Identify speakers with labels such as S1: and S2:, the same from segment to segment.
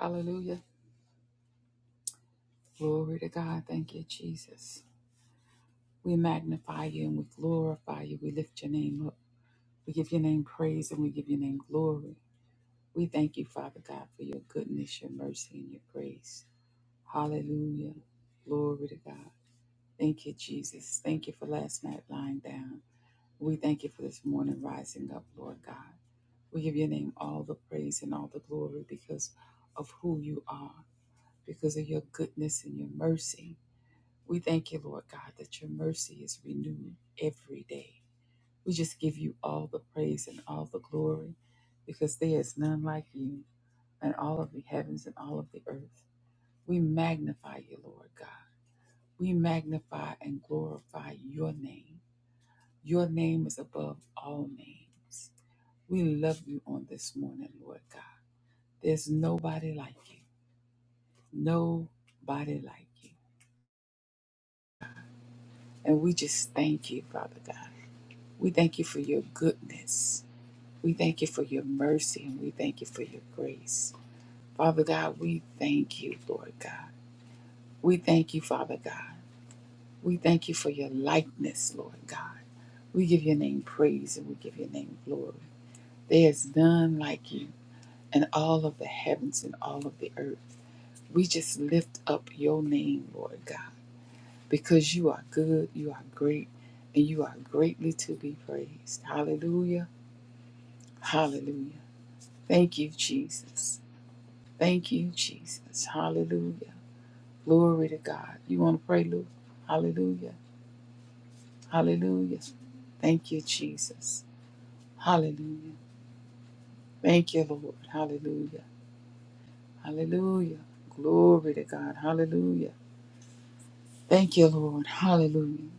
S1: Hallelujah. Glory to God. Thank you, Jesus. We magnify you and we glorify you. We lift your name up. We give your name praise and we give your name glory. We thank you, Father God, for your goodness, your mercy, and your grace. Hallelujah. Glory to God. Thank you, Jesus. Thank you for last night lying down. We thank you for this morning rising up, Lord God. We give your name all the praise and all the glory because of who you are, because of your goodness and your mercy. We thank you, Lord God, that your mercy is renewed every day. We just give you all the praise and all the glory because there is none like you in all of the heavens and all of the earth. We magnify you, Lord God. We magnify and glorify your name. Your name is above all names. We love you on this morning, Lord God. There's nobody like you. Nobody like you. And we just thank you, Father God. We thank you for your goodness. We thank you for your mercy and we thank you for your grace. Father God, we thank you, Lord God. We thank you, Father God. We thank you for your likeness, Lord God. We give your name praise and we give your name glory. There is none like you in all of the heavens and all of the earth. We just lift up your name, Lord God, because you are good, you are great, and you are greatly to be praised. Hallelujah. Hallelujah. Thank you, Jesus. Thank you, Jesus. Hallelujah. Glory to God. You want to pray, Luke? Hallelujah. Hallelujah. Thank you, Jesus. Hallelujah. Thank you, Lord. Hallelujah. Hallelujah. Glory to God. Hallelujah. Thank you, Lord. Hallelujah.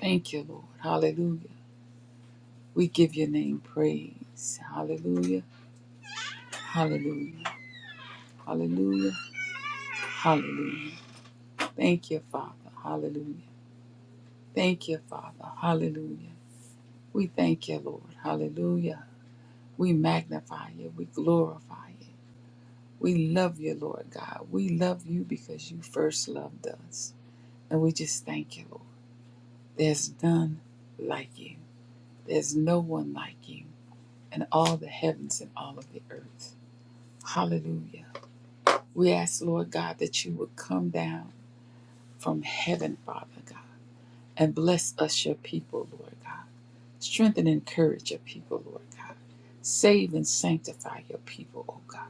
S1: Thank you, Lord. Hallelujah. We give your name praise. Hallelujah. Hallelujah. Hallelujah. Hallelujah. Thank you, Father. Hallelujah. Thank you, Father. Hallelujah. We thank you, Lord. Hallelujah. We magnify you. We glorify you. We love you, Lord God. We love you because you first loved us. And we just thank you, Lord. There's none like you. There's no one like you in all the heavens and all of the earth. Hallelujah. We ask, Lord God, that you would come down from heaven, Father God, and bless us, your people, Lord God. Strengthen and encourage your people, Lord God. Save and sanctify your people, O God.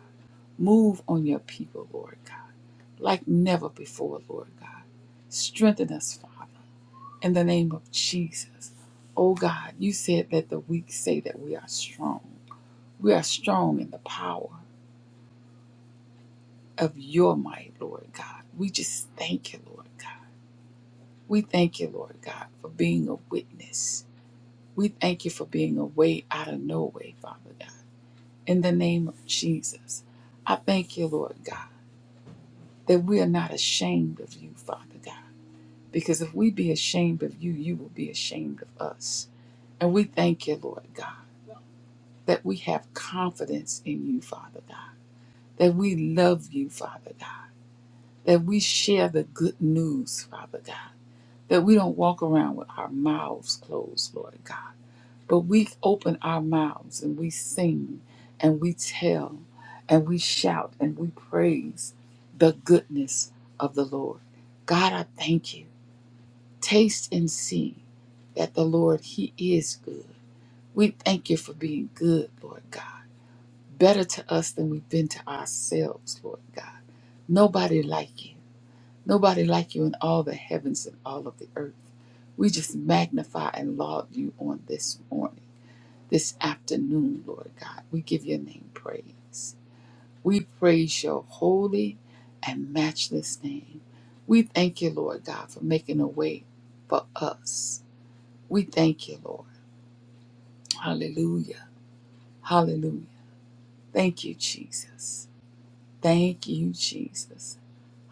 S1: Move on your people, Lord God, like never before, Lord God. Strengthen us, Father, in the name of Jesus. O God, you said that the weak say that we are strong. We are strong in the power of your might, Lord God. We just thank you, Lord God. We thank you, Lord God, for being a witness. We thank you for being a way out of no way, Father God. in the name of Jesus. I thank you, Lord God, that we are not ashamed of you, Father God, because if we be ashamed of you, you will be ashamed of us. And we thank you, Lord God, that we have confidence in you, Father God, that we love you, Father God, that we share the good news, Father God, that we don't walk around with our mouths closed, Lord God But we open our mouths and we sing and we tell and we shout and we praise the goodness of the Lord. God, I thank you. Taste and see that the Lord, He is good. We thank you for being good, Lord God. Better to us than we've been to ourselves, Lord God. Nobody like you. Nobody like you in all the heavens and all of the earth. We just magnify and laud you on this morning this afternoon, Lord God. We give your name praise. We praise your holy and matchless name. We thank you, Lord God, for making a way for us. We thank you, Lord. Hallelujah. Hallelujah. Thank you, Jesus. Thank you, Jesus.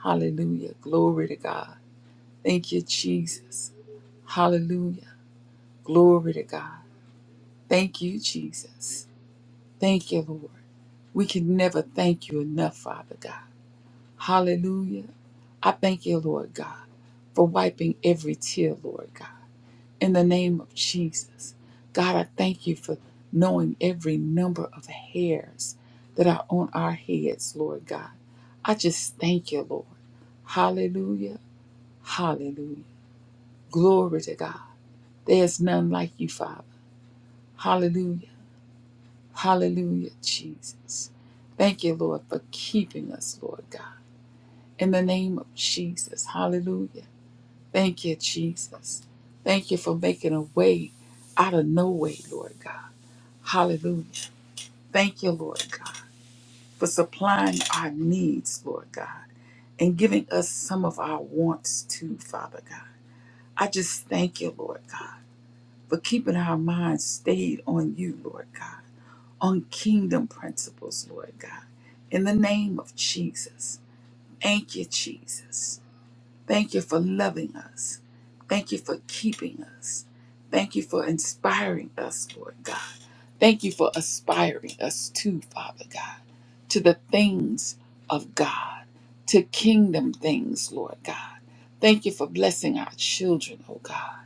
S1: Hallelujah. Glory to God. Thank you, Jesus. Hallelujah. Glory to God. Thank you, Jesus. Thank you, Lord. We can never thank you enough, Father God. Hallelujah. I thank you, Lord God, for wiping every tear, Lord God. In the name of Jesus. God, I thank you for knowing every number of hairs that are on our heads, Lord God. I just thank you, Lord. Hallelujah. Hallelujah. Glory to God. There's none like you, Father. Hallelujah. Hallelujah, Jesus. Thank you, Lord, for keeping us, Lord God. In the name of Jesus. Hallelujah. Thank you, Jesus. Thank you for making a way out of no way, Lord God. Hallelujah. Thank you, Lord God, for supplying our needs, Lord God, and giving us some of our wants too, Father God. I just thank you, Lord God, for keeping our minds stayed on you, Lord God, on kingdom principles, Lord God. In the name of Jesus. Thank you, Jesus. Thank you for loving us. Thank you for keeping us. Thank you for inspiring us, Lord God. Thank you for aspiring us to, Father God, to the things of God, to kingdom things, Lord God. Thank you for blessing our children, oh God.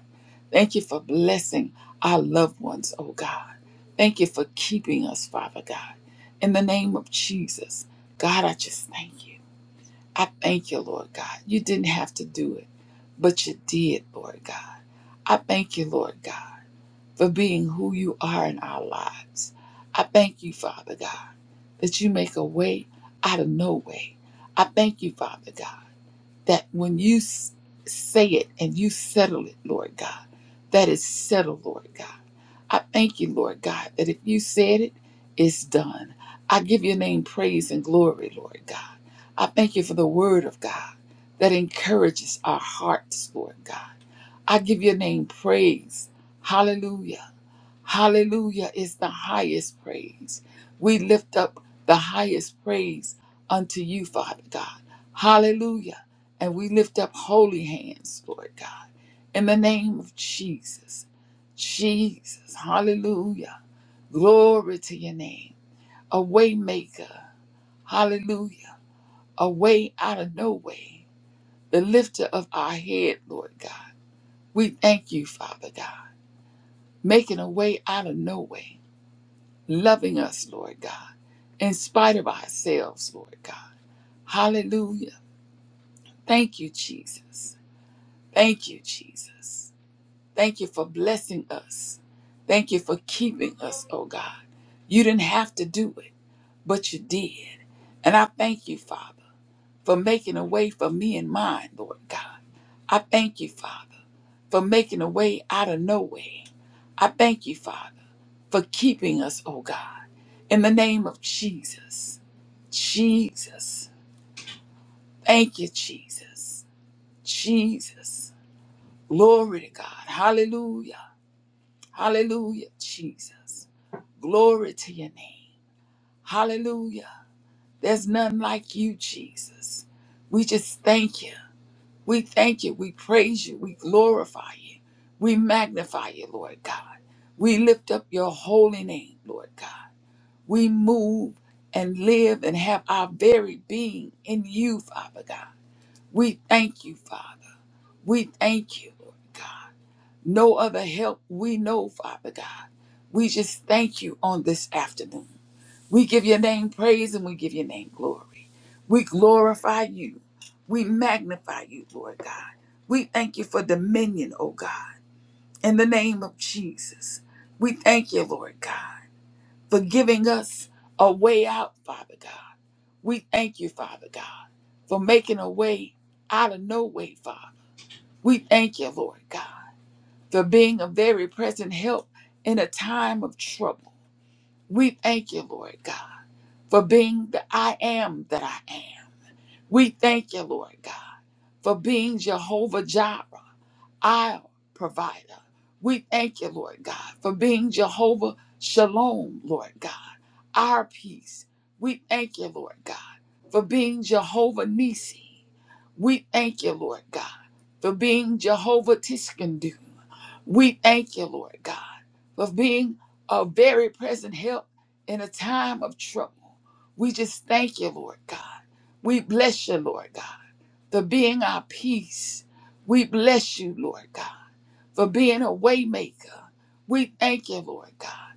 S1: Thank you for blessing our loved ones, oh God. Thank you for keeping us, Father God. In the name of Jesus, God, I just thank you. I thank you, Lord God. You didn't have to do it, but you did, Lord God. I thank you, Lord God, for being who you are in our lives. I thank you, Father God, that you make a way out of no way. I thank you, Father God that when you s- say it and you settle it, Lord God, that is settled, Lord God. I thank you, Lord God, that if you said it, it's done. I give your name praise and glory, Lord God. I thank you for the word of God that encourages our hearts, Lord God. I give your name praise. Hallelujah. Hallelujah is the highest praise. We lift up the highest praise unto you, Father God. Hallelujah. And we lift up holy hands, Lord God, in the name of Jesus. Jesus. Hallelujah. Glory to your name. A waymaker. Hallelujah. A way out of no way. The lifter of our head, Lord God. We thank you, Father God, making a way out of no way. loving us, Lord God, in spite of ourselves, Lord God. Hallelujah. Thank you, Jesus. Thank you, Jesus. Thank you for blessing us. Thank you for keeping us, oh God. You didn't have to do it, but you did. And I thank you, Father, for making a way for me and mine, Lord God. I thank you, Father, for making a way out of no way. I thank you, Father, for keeping us, oh God, in the name of Jesus. Jesus. Thank you, Jesus. Jesus. Glory to God. Hallelujah. Hallelujah, Jesus. Glory to your name. Hallelujah. There's none like you, Jesus. We just thank you. We thank you. We praise you. We glorify you. We magnify you, Lord God. We lift up your holy name, Lord God. We move and live and have our very being in you, Father God. We thank you, Father. We thank you, Lord God. No other help we know, Father God. We just thank you on this afternoon. We give your name praise and we give your name glory. We glorify you. We magnify you, Lord God. We thank you for dominion, oh God, in the name of Jesus. We thank you, Lord God, for giving us a way out, Father God. We thank you, Father God, for making a way out of no way, Father. We thank you, Lord God. for being a very present help in a time of trouble. We thank you, Lord God, for being the I am that I am. We thank you, Lord God, for being Jehovah Jireh, our provider. We thank you, Lord God, for being Jehovah Shalom, Lord God, our peace. We thank you, Lord God, for being Jehovah Nisi. We thank you, Lord God, for being Jehovah Tiskanu. We thank you, Lord God, for being a very present help in a time of trouble. We just thank you, Lord God. We bless you, Lord God, for being our peace. We bless you, Lord God, for being a waymaker. We thank you, Lord God.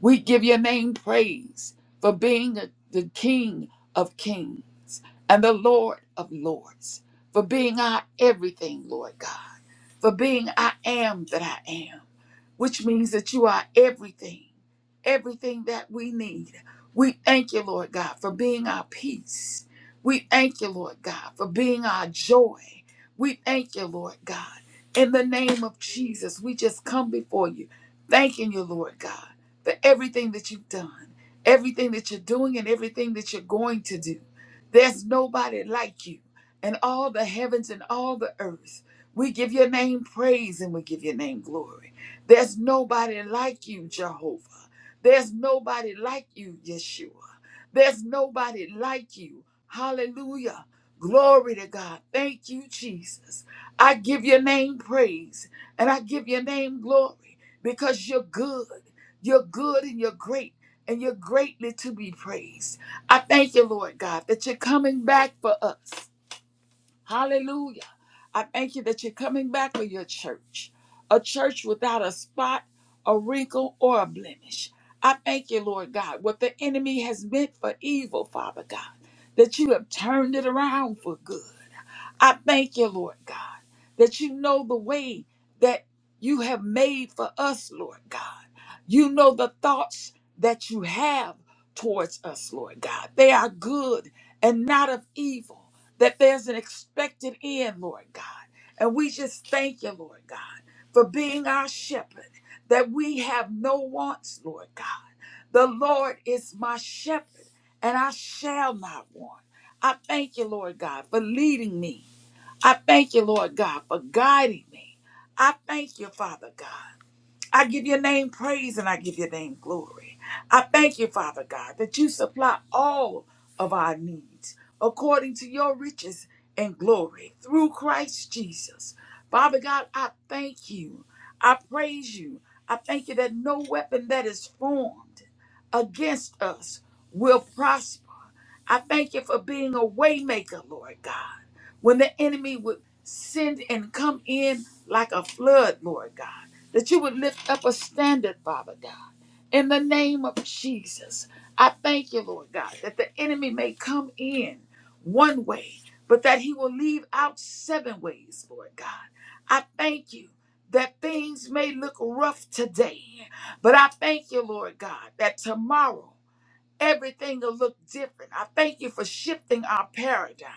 S1: We give your name praise for being the the King of kings and the Lord of lords, for being our everything, Lord God for being I am that I am, which means that you are everything, everything that we need. We thank you, Lord God, for being our peace. We thank you, Lord God, for being our joy. We thank you, Lord God. In the name of Jesus, we just come before you, thanking you, Lord God, for everything that you've done, everything that you're doing, and everything that you're going to do. There's nobody like you in all the heavens and all the earth. We give your name praise and we give your name glory. There's nobody like you, Jehovah. There's nobody like you, Yeshua. There's nobody like you. Hallelujah. Glory to God. Thank you, Jesus. I give your name praise and I give your name glory because you're good. You're good and you're great and you're greatly to be praised. I thank you, Lord God, that you're coming back for us. Hallelujah. I thank you that you're coming back with your church, a church without a spot, a wrinkle, or a blemish. I thank you, Lord God, what the enemy has meant for evil, Father God, that you have turned it around for good. I thank you, Lord God, that you know the way that you have made for us, Lord God. You know the thoughts that you have towards us, Lord God. They are good and not of evil, that there's an expected end, Lord God. And we just thank you, Lord God, for being our shepherd, that we have no wants, Lord God. The Lord is my shepherd, and I shall not want. I thank you, Lord God, for leading me I thank you, Lord God, for guiding me. I thank you, Father God. I give your name praise and I give your name glory. I thank you, Father God, that you supply all of our needs according to your riches and glory through Christ Jesus. Father God, I thank you. I praise you. I thank you that no weapon that is formed against us will prosper. I thank you for being a waymaker, Lord God. When the enemy would send and come in like a flood, Lord God that you would lift up a standard, Father God, in the name of Jesus. I thank you, Lord God, that the enemy may come in one way, but that he will leave out seven ways, Lord God. I thank you. That things may look rough today, but I thank you, Lord God, that tomorrow everything will look different. I thank you for shifting our paradigm.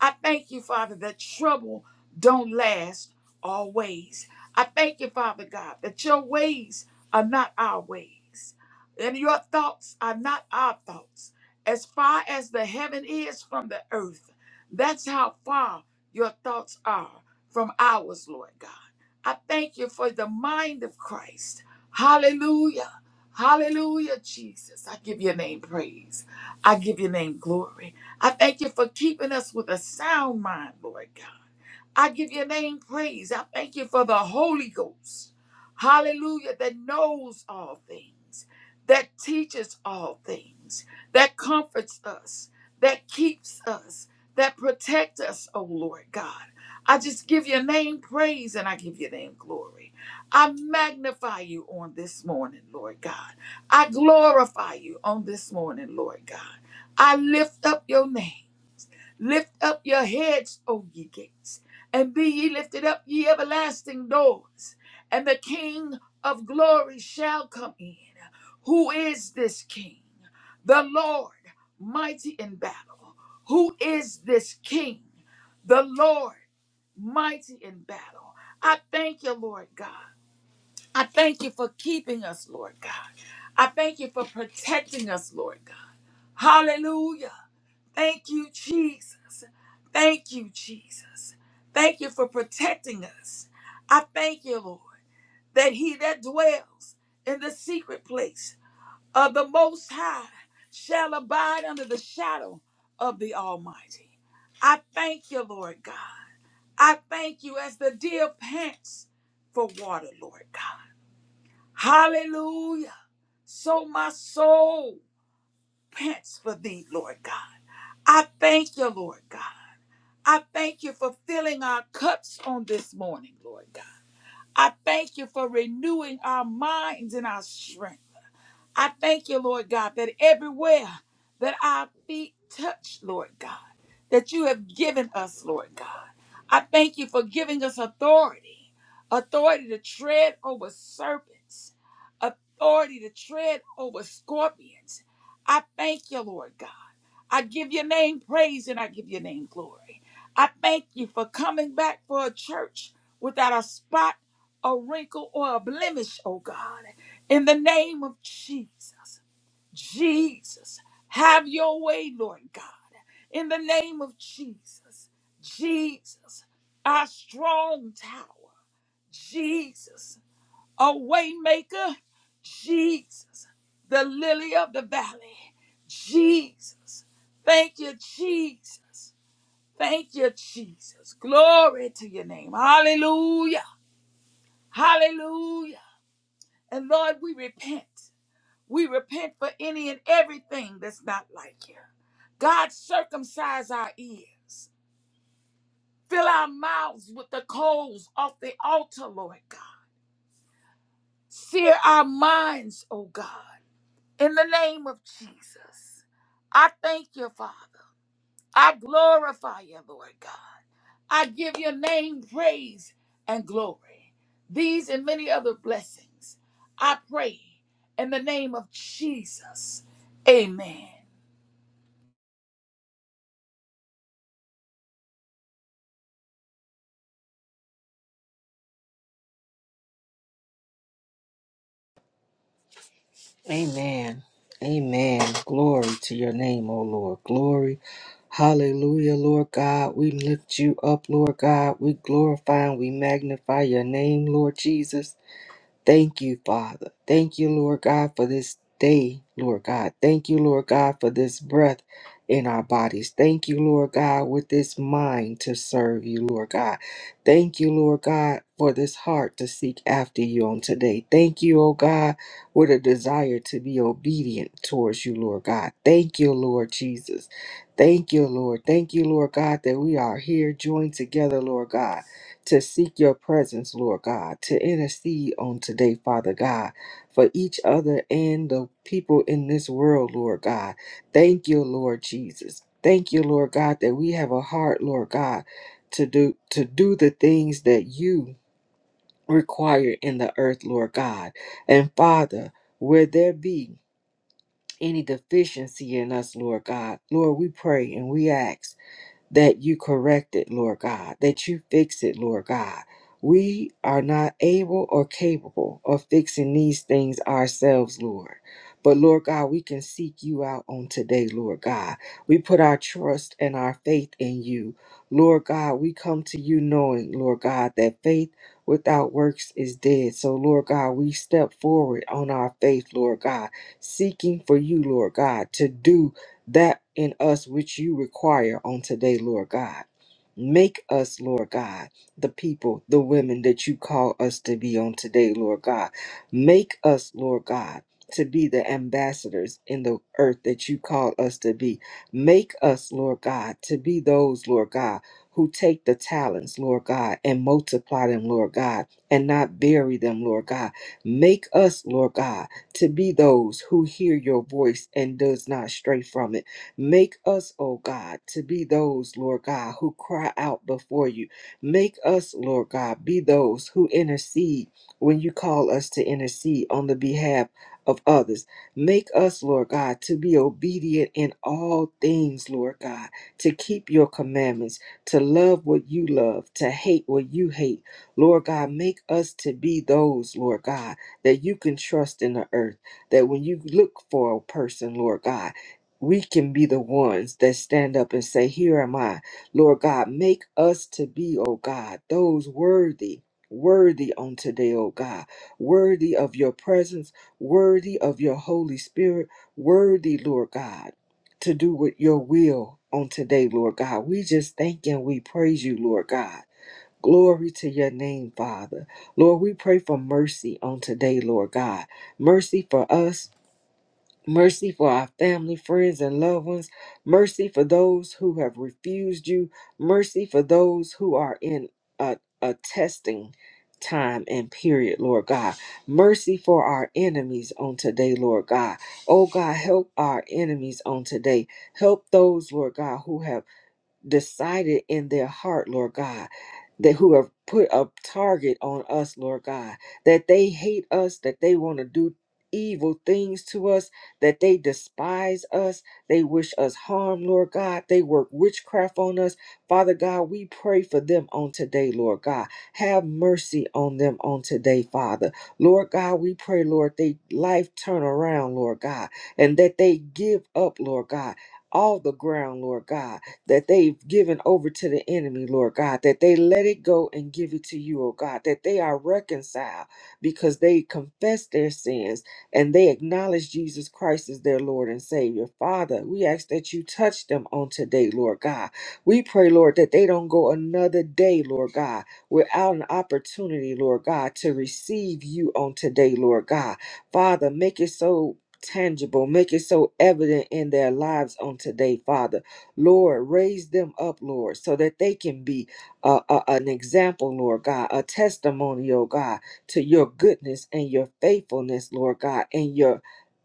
S1: I thank you, Father, that trouble don't last always. I thank you, Father God, that your ways are not our ways, and your thoughts are not our thoughts. As far as the heaven is from the earth, that's how far your thoughts are from ours, Lord God. I thank you for the mind of Christ. Hallelujah. Hallelujah, Jesus. I give your name praise. I give your name glory. I thank you for keeping us with a sound mind, Lord God. I give your name praise. I thank you for the Holy Ghost. Hallelujah, that knows all things, that teaches all things, that comforts us, that keeps us, that protects us, oh Lord God. I just give your name praise and I give your name glory. I magnify you on this morning, Lord God. I glorify you on this morning, Lord God. I lift up your name. Lift up your heads, O ye gates, and be ye lifted up, ye everlasting doors, and the King of glory shall come in. Who is this King? The Lord, mighty in battle. Who is this King? The Lord, mighty in battle. I thank you, Lord God. I thank you for keeping us, Lord God. I thank you for protecting us, Lord God. Hallelujah. Thank you, Jesus. Thank you, Jesus. Thank you for protecting us. I thank you, Lord, that he that dwells in the secret place of the Most High shall abide under the shadow of the Almighty. I thank you, Lord God. I thank you as the deer pants for water, Lord God. Hallelujah. So my soul pants for thee, Lord God. I thank you, Lord God. I thank you for filling our cups on this morning, Lord God. I thank you for renewing our minds and our strength. I thank you, Lord God, that everywhere that our feet touch, Lord God, that you have given us, Lord God. I thank you for giving us authority, authority to tread over serpents, authority to tread over scorpions. I thank you, Lord God. I give your name praise and I give your name glory. I thank you for coming back for a church without a spot, a wrinkle, or a blemish, oh God. In the name of Jesus, Jesus, have your way, Lord God. In the name of Jesus, Jesus, our strong tower, Jesus a waymaker, Jesus, the lily of the valley, Jesus. Thank you, Jesus. Thank you, Jesus. Glory to your name. Hallelujah. Hallelujah. And Lord, we repent. We repent for any and everything that's not like you. God, circumcise our ears. Fill our mouths with the coals off the altar, Lord God. Sear our minds, oh God. In the name of Jesus, I thank you, Father. I glorify you, Lord God. I give your name praise and glory. These and many other blessings I pray in the name of Jesus. Amen.
S2: Amen. Amen. Glory to your name, O Lord. Glory. Hallelujah, Lord God. We lift you up, Lord God. We glorify and we magnify your name, Lord Jesus. Thank you, Father. Thank you, Lord God, for this day, Lord God. Thank you, Lord God, for this breath in our bodies. Thank you, Lord God, with this mind to serve you, Lord God. Thank you, Lord God, for this heart to seek after you on today. Thank you, oh God, with a desire to be obedient towards you, Lord God. Thank you, Lord Jesus. Thank you, Lord. Thank you, Lord God, that we are here joined together, Lord God to seek your presence, Lord God, to intercede on today, Father God, for each other and the people in this world, Lord God. Thank you, Lord Jesus. Thank you, Lord God, that we have a heart, Lord God, to do to do the things that you require in the earth, Lord God. And Father, where there be any deficiency in us, Lord God, Lord, we pray and we ask that you correct it, Lord God, that you fix it, Lord God. We are not able or capable of fixing these things ourselves, Lord. But Lord God, we can seek you out on today, Lord God. We put our trust and our faith in you. Lord God, we come to you knowing, Lord God, that faith without works is dead. So, Lord God, we step forward on our faith, Lord God, seeking for you, Lord God, to do that in us which you require on today, Lord God. Make us, Lord God, the people, the women that you call us to be on today, Lord God. Make us, Lord God, to be the ambassadors in the earth that you call us to be. Make us, Lord God, to be those, Lord God, who take the talents, Lord God, and multiply them, Lord God, and not bury them, Lord God. Make us, Lord God to be those who hear your voice and does not stray from it. Make us, O God, to be those, Lord God, who cry out before you. Make us, Lord God, be those who intercede when you call us to intercede on the behalf of others. Make us, Lord God, to be obedient in all things, Lord God, to keep your commandments, to love what you love, to hate what you hate. Lord God, make us to be those, Lord God that you can trust in the earth, that when you look for a person, Lord God, we can be the ones that stand up and say, Here am I. Lord God, make us to be, O God, those worthy, worthy on today, O God, worthy of your presence, worthy of your Holy Spirit, worthy, Lord God, to do with your will on today, Lord God. We just thank and we praise you, Lord God. Glory to your name, Father. Lord, we pray for mercy on today, Lord God. Mercy for us. Mercy for our family, friends, and loved ones. Mercy for those who have refused you. Mercy for those who are in a, a testing time and period, Lord God. Mercy for our enemies on today, Lord God. Oh God, help our enemies on today. Help those, Lord God, who have decided in their heart, Lord God, that who have put a target on us, Lord God, that they hate us, that they want to do evil things to us, that they despise us, they wish us harm, Lord God, they work witchcraft on us. Father God, we pray for them on today, Lord God. Have mercy on them on today, Father. Lord God, we pray, Lord, they life turn around, Lord God, and that they give up, Lord God, all the ground, Lord God that they've given over to the enemy, Lord God, that they let it go and give it to you, oh God, that they are reconciled because they confess their sins and they acknowledge Jesus Christ as their Lord and Savior. Father, we ask that you touch them on today, Lord God. We pray, Lord, that they don't go another day, Lord God, without an opportunity, Lord God, to receive you on today, Lord God. Father, make it so tangible, make it so evident in their lives on today, Father. Lord, raise them up, Lord, so that they can be uh, uh, an example, Lord God, a testimony, oh God, to your goodness and your faithfulness, Lord God, and your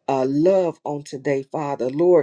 S2: uh, love on today, Father. Lord,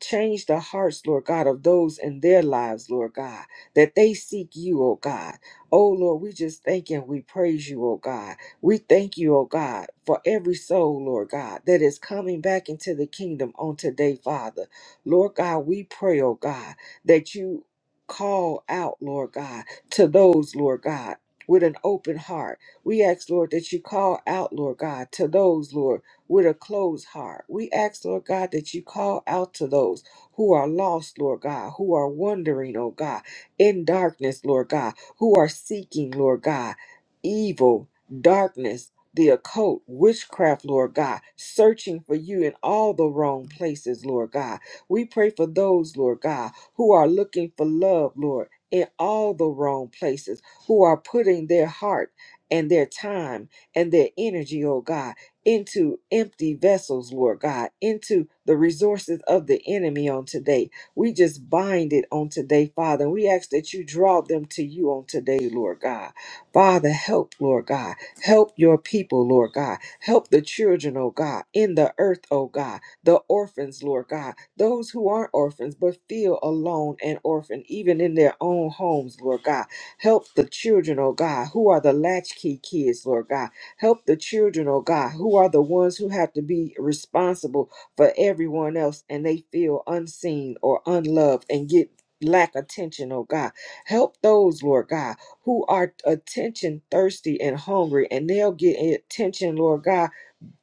S2: Change the hearts, Lord God, of those in their lives, Lord God, that they seek you, oh God. Oh Lord, we just thank and we praise you, oh God. We thank you, oh God, for every soul, Lord God, that is coming back into the kingdom on today, Father. Lord God, we pray, oh God, that you call out, Lord God, to those, Lord God, with an open heart. We ask, Lord, that you call out, Lord God, to those, Lord with a closed heart. We ask, Lord God, that you call out to those who are lost, Lord God, who are wandering, oh God, in darkness, Lord God, who are seeking, Lord God, evil, darkness. The occult, witchcraft, Lord God, searching for you in all the wrong places, Lord God. We pray for those, Lord God, who are looking for love, Lord, in all the wrong places, who are putting their heart and their time and their energy, oh God, into empty vessels, Lord God, into the resources of the enemy on today. We just bind it on today, Father. We ask that you draw them to you on today, Lord God. Father, help, Lord God. Help your people, Lord God. Help the children, oh God, in the earth, oh God. The orphans, Lord God. Those who aren't orphans but feel alone and orphaned, even in their own homes, Lord God. Help the children, oh God, who are the latchkey kids, Lord God Help the children, oh God, who are the ones who have to be responsible for everyone else and they feel unseen or unloved and get lack attention, oh God. Help those, Lord God, who are attention thirsty and hungry and they'll get attention, Lord God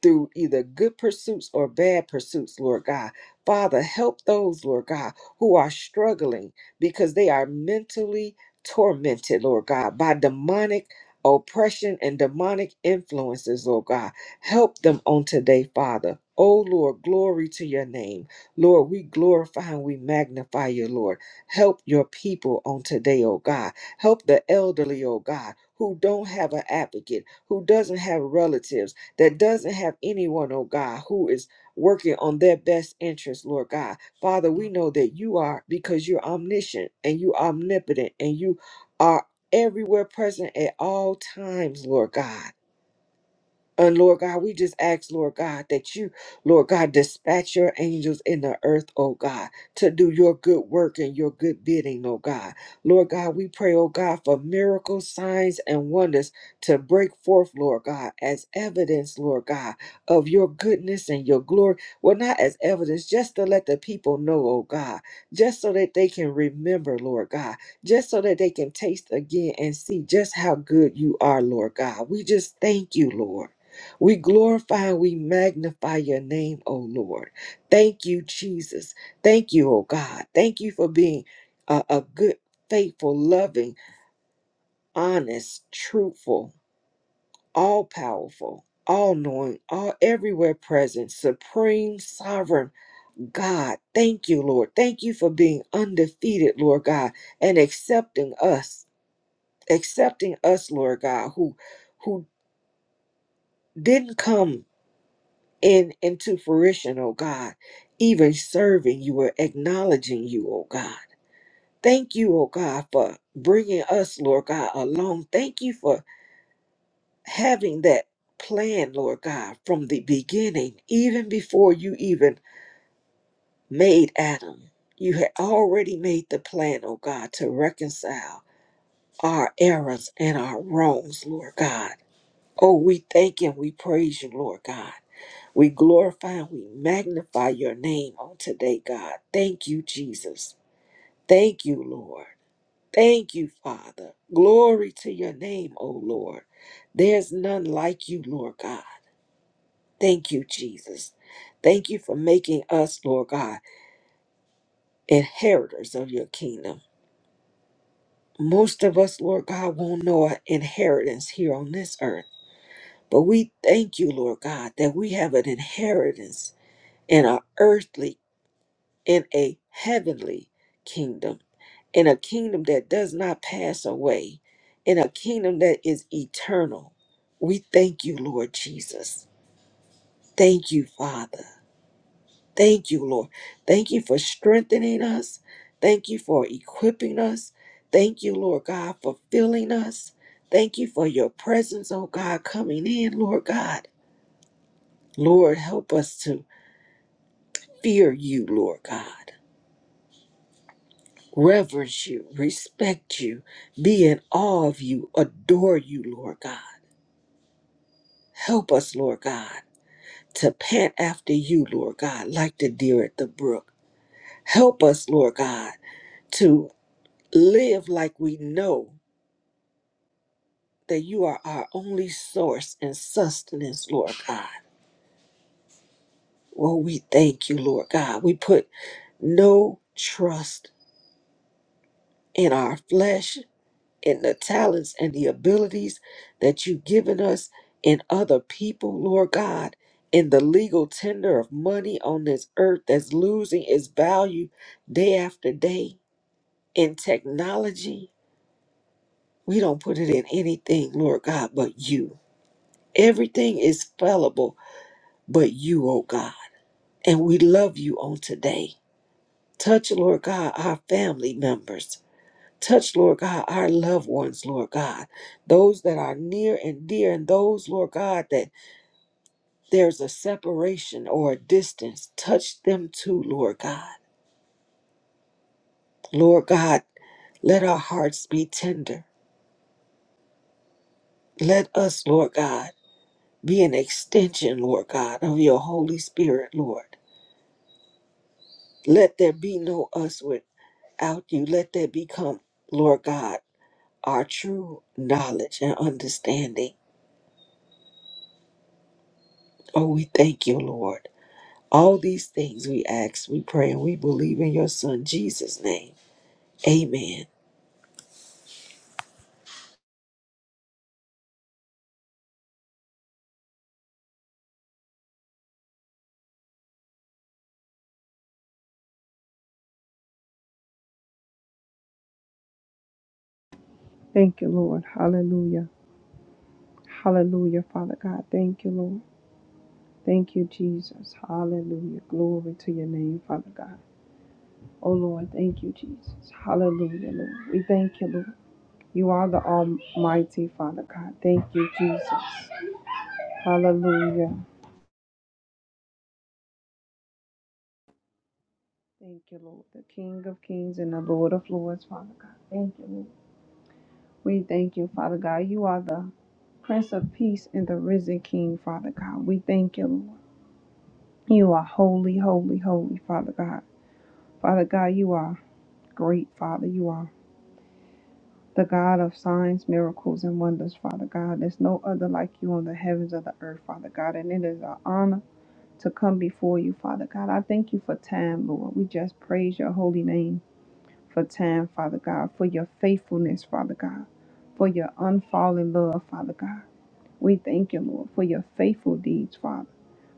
S2: through either good pursuits or bad pursuits, Lord God. Father, help those, Lord God, who are struggling because they are mentally tormented, Lord God, by demonic oppression and demonic influences, Lord God. Help them on today, Father. Oh Lord, glory to your name. Lord, we glorify and we magnify you, Lord. Help your people on today, oh God. Help the elderly, oh God, who don't have an advocate, who doesn't have relatives that doesn't have anyone, oh God, who is working on their best interest, Lord God. Father, we know that you are because you're omniscient and you omnipotent and you are everywhere present at all times, Lord God. And Lord God, we just ask, Lord God, that you, Lord God, dispatch your angels in the earth, oh God, to do your good work and your good bidding, oh God. Lord God, we pray, oh God, for miracles, signs, and wonders to break forth, Lord God, as evidence, Lord God, of your goodness and your glory. Well, not as evidence, just to let the people know, oh God, just so that they can remember, Lord God, just so that they can taste again and see just how good you are, Lord God. We just thank you, Lord. We glorify and we magnify your name, O Lord. Thank you, Jesus. Thank you, O God. Thank you for being a, a good, faithful, loving, honest, truthful, all powerful, all knowing, all everywhere present, supreme, sovereign God. Thank you, Lord. Thank you for being undefeated, Lord God, and accepting us, accepting us, Lord God, who who didn't come in into fruition, oh God, even serving you or acknowledging you, oh God. Thank you, oh God, for bringing us, Lord God, along. Thank you for having that plan, Lord God, from the beginning, even before you even made Adam. You had already made the plan, oh God, to reconcile our errors and our wrongs, Lord God. Oh, we thank and we praise you, Lord God. We glorify and we magnify your name on today, God. Thank you, Jesus. Thank you, Lord. Thank you, Father. Glory to your name, O Lord. There's none like you, Lord God. Thank you, Jesus. Thank you for making us, Lord God, inheritors of your kingdom. Most of us, Lord God, won't know our inheritance here on this earth. But we thank you, Lord God, that we have an inheritance in our earthly in a heavenly kingdom, in a kingdom that does not pass away, in a kingdom that is eternal. We thank you, Lord Jesus. Thank you, Father. Thank you, Lord. Thank you for strengthening us. Thank you for equipping us. Thank you, Lord God, for filling us. Thank you for your presence, oh God, coming in, Lord God. Lord, help us to fear you, Lord God. reverence you, respect you, be in awe of you, adore you, Lord God. Help us, Lord God, to pant after you, Lord God, like the deer at the brook. Help us, Lord God, to live like we know that you are our only source and sustenance, Lord God. Well, we thank you, Lord God. We put no trust in our flesh and the talents and the abilities that you've given us in other people, Lord God, in the legal tender of money on this earth that's losing its value day after day, in technology. We don't put it in anything, Lord God, but you. Everything is fallible but you, oh God. And we love you on today. Touch, Lord God, our family members Touch, Lord God, our loved ones, Lord God, those that are near and dear, and those, Lord God, that there's a separation or a distance. Touch them too, Lord God. Lord God, let our hearts be tender. Let us, Lord God, be an extension, Lord God, of your Holy Spirit, Lord. Let there be no us without you. Let there become, Lord God, our true knowledge and understanding. Oh, we thank you, Lord. All these things we ask, we pray, and we believe in your Son, Jesus' name. Amen.
S3: Thank you, Lord. Hallelujah. Hallelujah, Father God. Thank you, Lord. Thank you, Jesus. Hallelujah. Glory to your name, Father God. Oh, Lord, thank you, Jesus. Hallelujah, Lord. We thank you, Lord. You are the Almighty, Father God. Thank you, Jesus. Hallelujah. Thank you, Lord. The King of Kings and the Lord of Lords, Father God. Thank you, Lord. We thank you, Father God. You are the Prince of Peace and the risen King, Father God. We thank you, Lord. You are holy, holy, holy, Father God. Father God, you are great, Father. You are the God of signs, miracles, and wonders, Father God. There's no other like you on the heavens or the earth, Father God. And it is an honor to come before you, Father God. I thank you for time, Lord. We just praise your holy name for time, Father God, for your faithfulness, Father God, for your unfallen love, Father God. We thank you, Lord, for your faithful deeds, Father.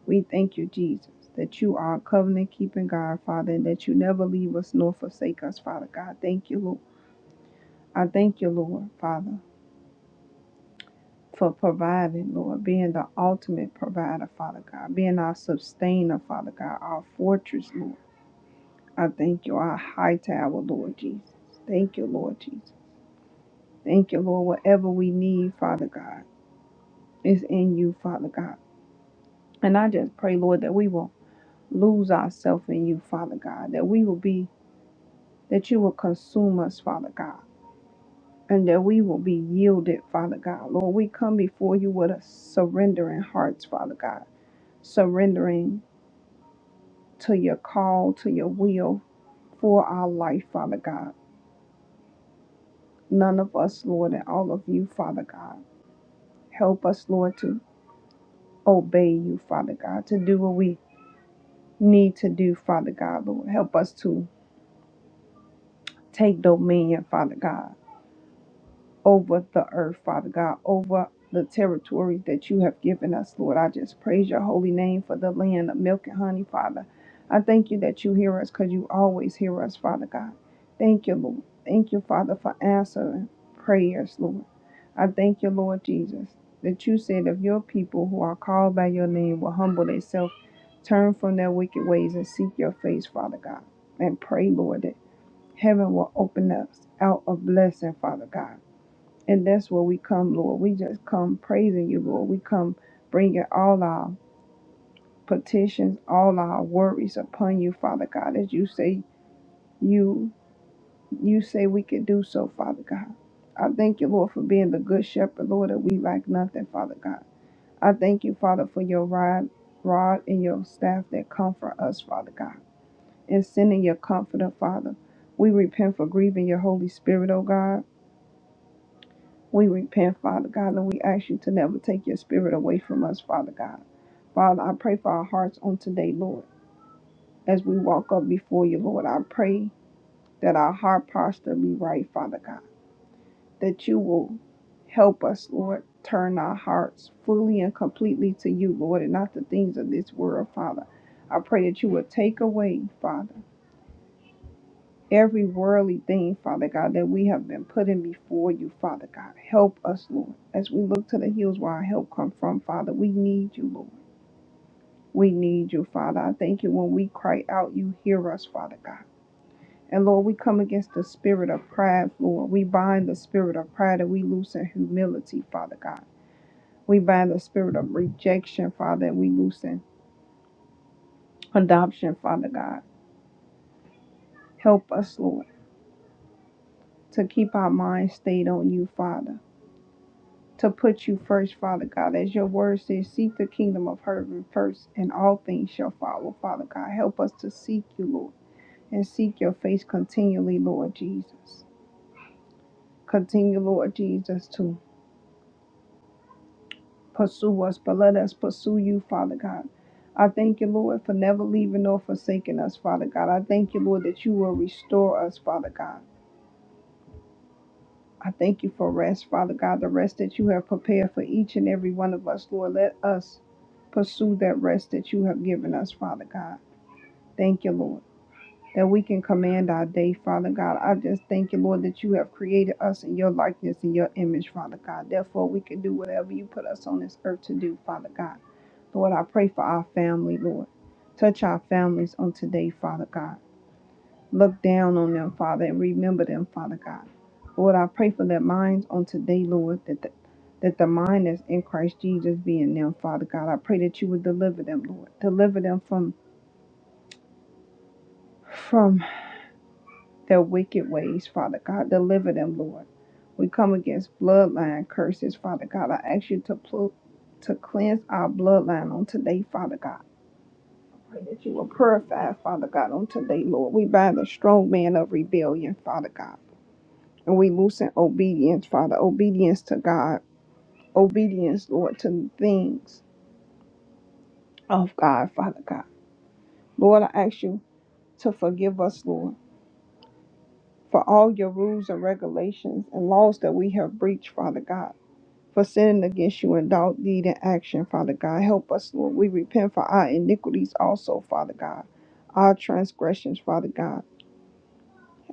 S3: We thank you, Jesus, that you are covenant keeping God, Father, and that you never leave us nor forsake us, Father God. Thank you, Lord. I thank you, Lord, Father, for providing, Lord, being the ultimate provider, Father God, being our sustainer, Father God, our fortress, Lord. I thank you, our high tower, Lord Jesus. Thank you, Lord Jesus. Thank you, Lord, whatever we need, Father God, is in you, Father God. And I just pray, Lord, that we will lose ourselves in you, Father God, that we will be, that you will consume us, Father God, and that we will be yielded, Father God. Lord, we come before you with a surrendering hearts, Father God. surrendering to your call, to your will for our life, Father God. None of us, Lord, and all of you, Father God. Help us, Lord, to obey you, Father God, to do what we need to do, Father God, Lord. Help us to take dominion, Father God. over the earth, Father God, over the territories that you have given us, Lord. I just praise your holy name for the land of milk and honey, Father. I thank you that you hear us because you always hear us, Father God. Thank you, Lord. Thank you, Father, for answering prayers, Lord. I thank you, Lord Jesus, that you said of your people who are called by your name will humble themselves, turn from their wicked ways, and seek your face, Father God. And pray, Lord, that heaven will open us out of blessing, Father God. And that's where we come, Lord. We just come praising you, Lord. We come bringing all our petitions, all our worries upon you, Father God, as you say you you say we can do so, Father God. I thank you, Lord, for being the good shepherd, Lord, that we lack nothing, Father God. I thank you, Father, for your rod, rod and your staff that comfort us, Father God, and sending your comforter, Father. We repent for grieving your Holy Spirit, O God. We repent, Father God, and we ask you to never take your spirit away from us, Father God. Father, I pray for our hearts on today, Lord. As we walk up before you, Lord, I pray that our heart posture be right, Father God. That you will help us, Lord, turn our hearts fully and completely to you, Lord, and not the things of this world, Father. I pray that you will take away, Father. every worldly thing, Father God, that we have been putting before you, Father God. Help us, Lord. As we look to the hills where our help come from, Father, we need you, Lord. We need you, Father. I thank you when we cry out, you hear us, Father God. And Lord, we come against the spirit of pride, Lord. We bind the spirit of pride and we loosen humility, Father God. We bind the spirit of rejection, Father, and we loosen adoption, Father God. Help us, Lord, to keep our minds stayed on you, Father. to put you first, Father God. As your word says, seek the kingdom of heaven first, and all things shall follow, Father God. Help us to seek you, Lord, and seek your face continually, Lord Jesus. Continue, Lord Jesus, to pursue us, but let us pursue you, Father God. I thank you, Lord, for never leaving nor forsaking us, Father God. I thank you, Lord, that you will restore us, Father God. I thank you for rest, Father God, the rest that you have prepared for each and every one of us, Lord. Let us pursue that rest that you have given us, Father God. Thank you, Lord, that we can command our day, Father God. I just thank you, Lord, that you have created us in your likeness and your image, Father God. Therefore, we can do whatever you put us on this earth to do, Father God. Lord, I pray for our family, Lord. Touch our families on today, Father God. Look down on them, Father, and remember them, Father God. Lord, I pray for their minds on today, Lord, that the, that the mind that's in Christ Jesus be in them, Father God. I pray that you would deliver them, Lord. Deliver them from from their wicked ways, Father God. Deliver them, Lord. We come against bloodline curses, Father God. I ask you to pl- to cleanse our bloodline on today, Father God. Pray that you will purify, Father God, on today, Lord. We bind the strong man of rebellion, Father God. And we move in obedience, Father, obedience to God, obedience, Lord, to the things of God, Father God. Lord, I ask you to forgive us, Lord, for all your rules and regulations and laws that we have breached, Father God, for sinning against you in thought, deed, and action, Father God. Help us, Lord. We repent for our iniquities also, Father God, our transgressions, Father God.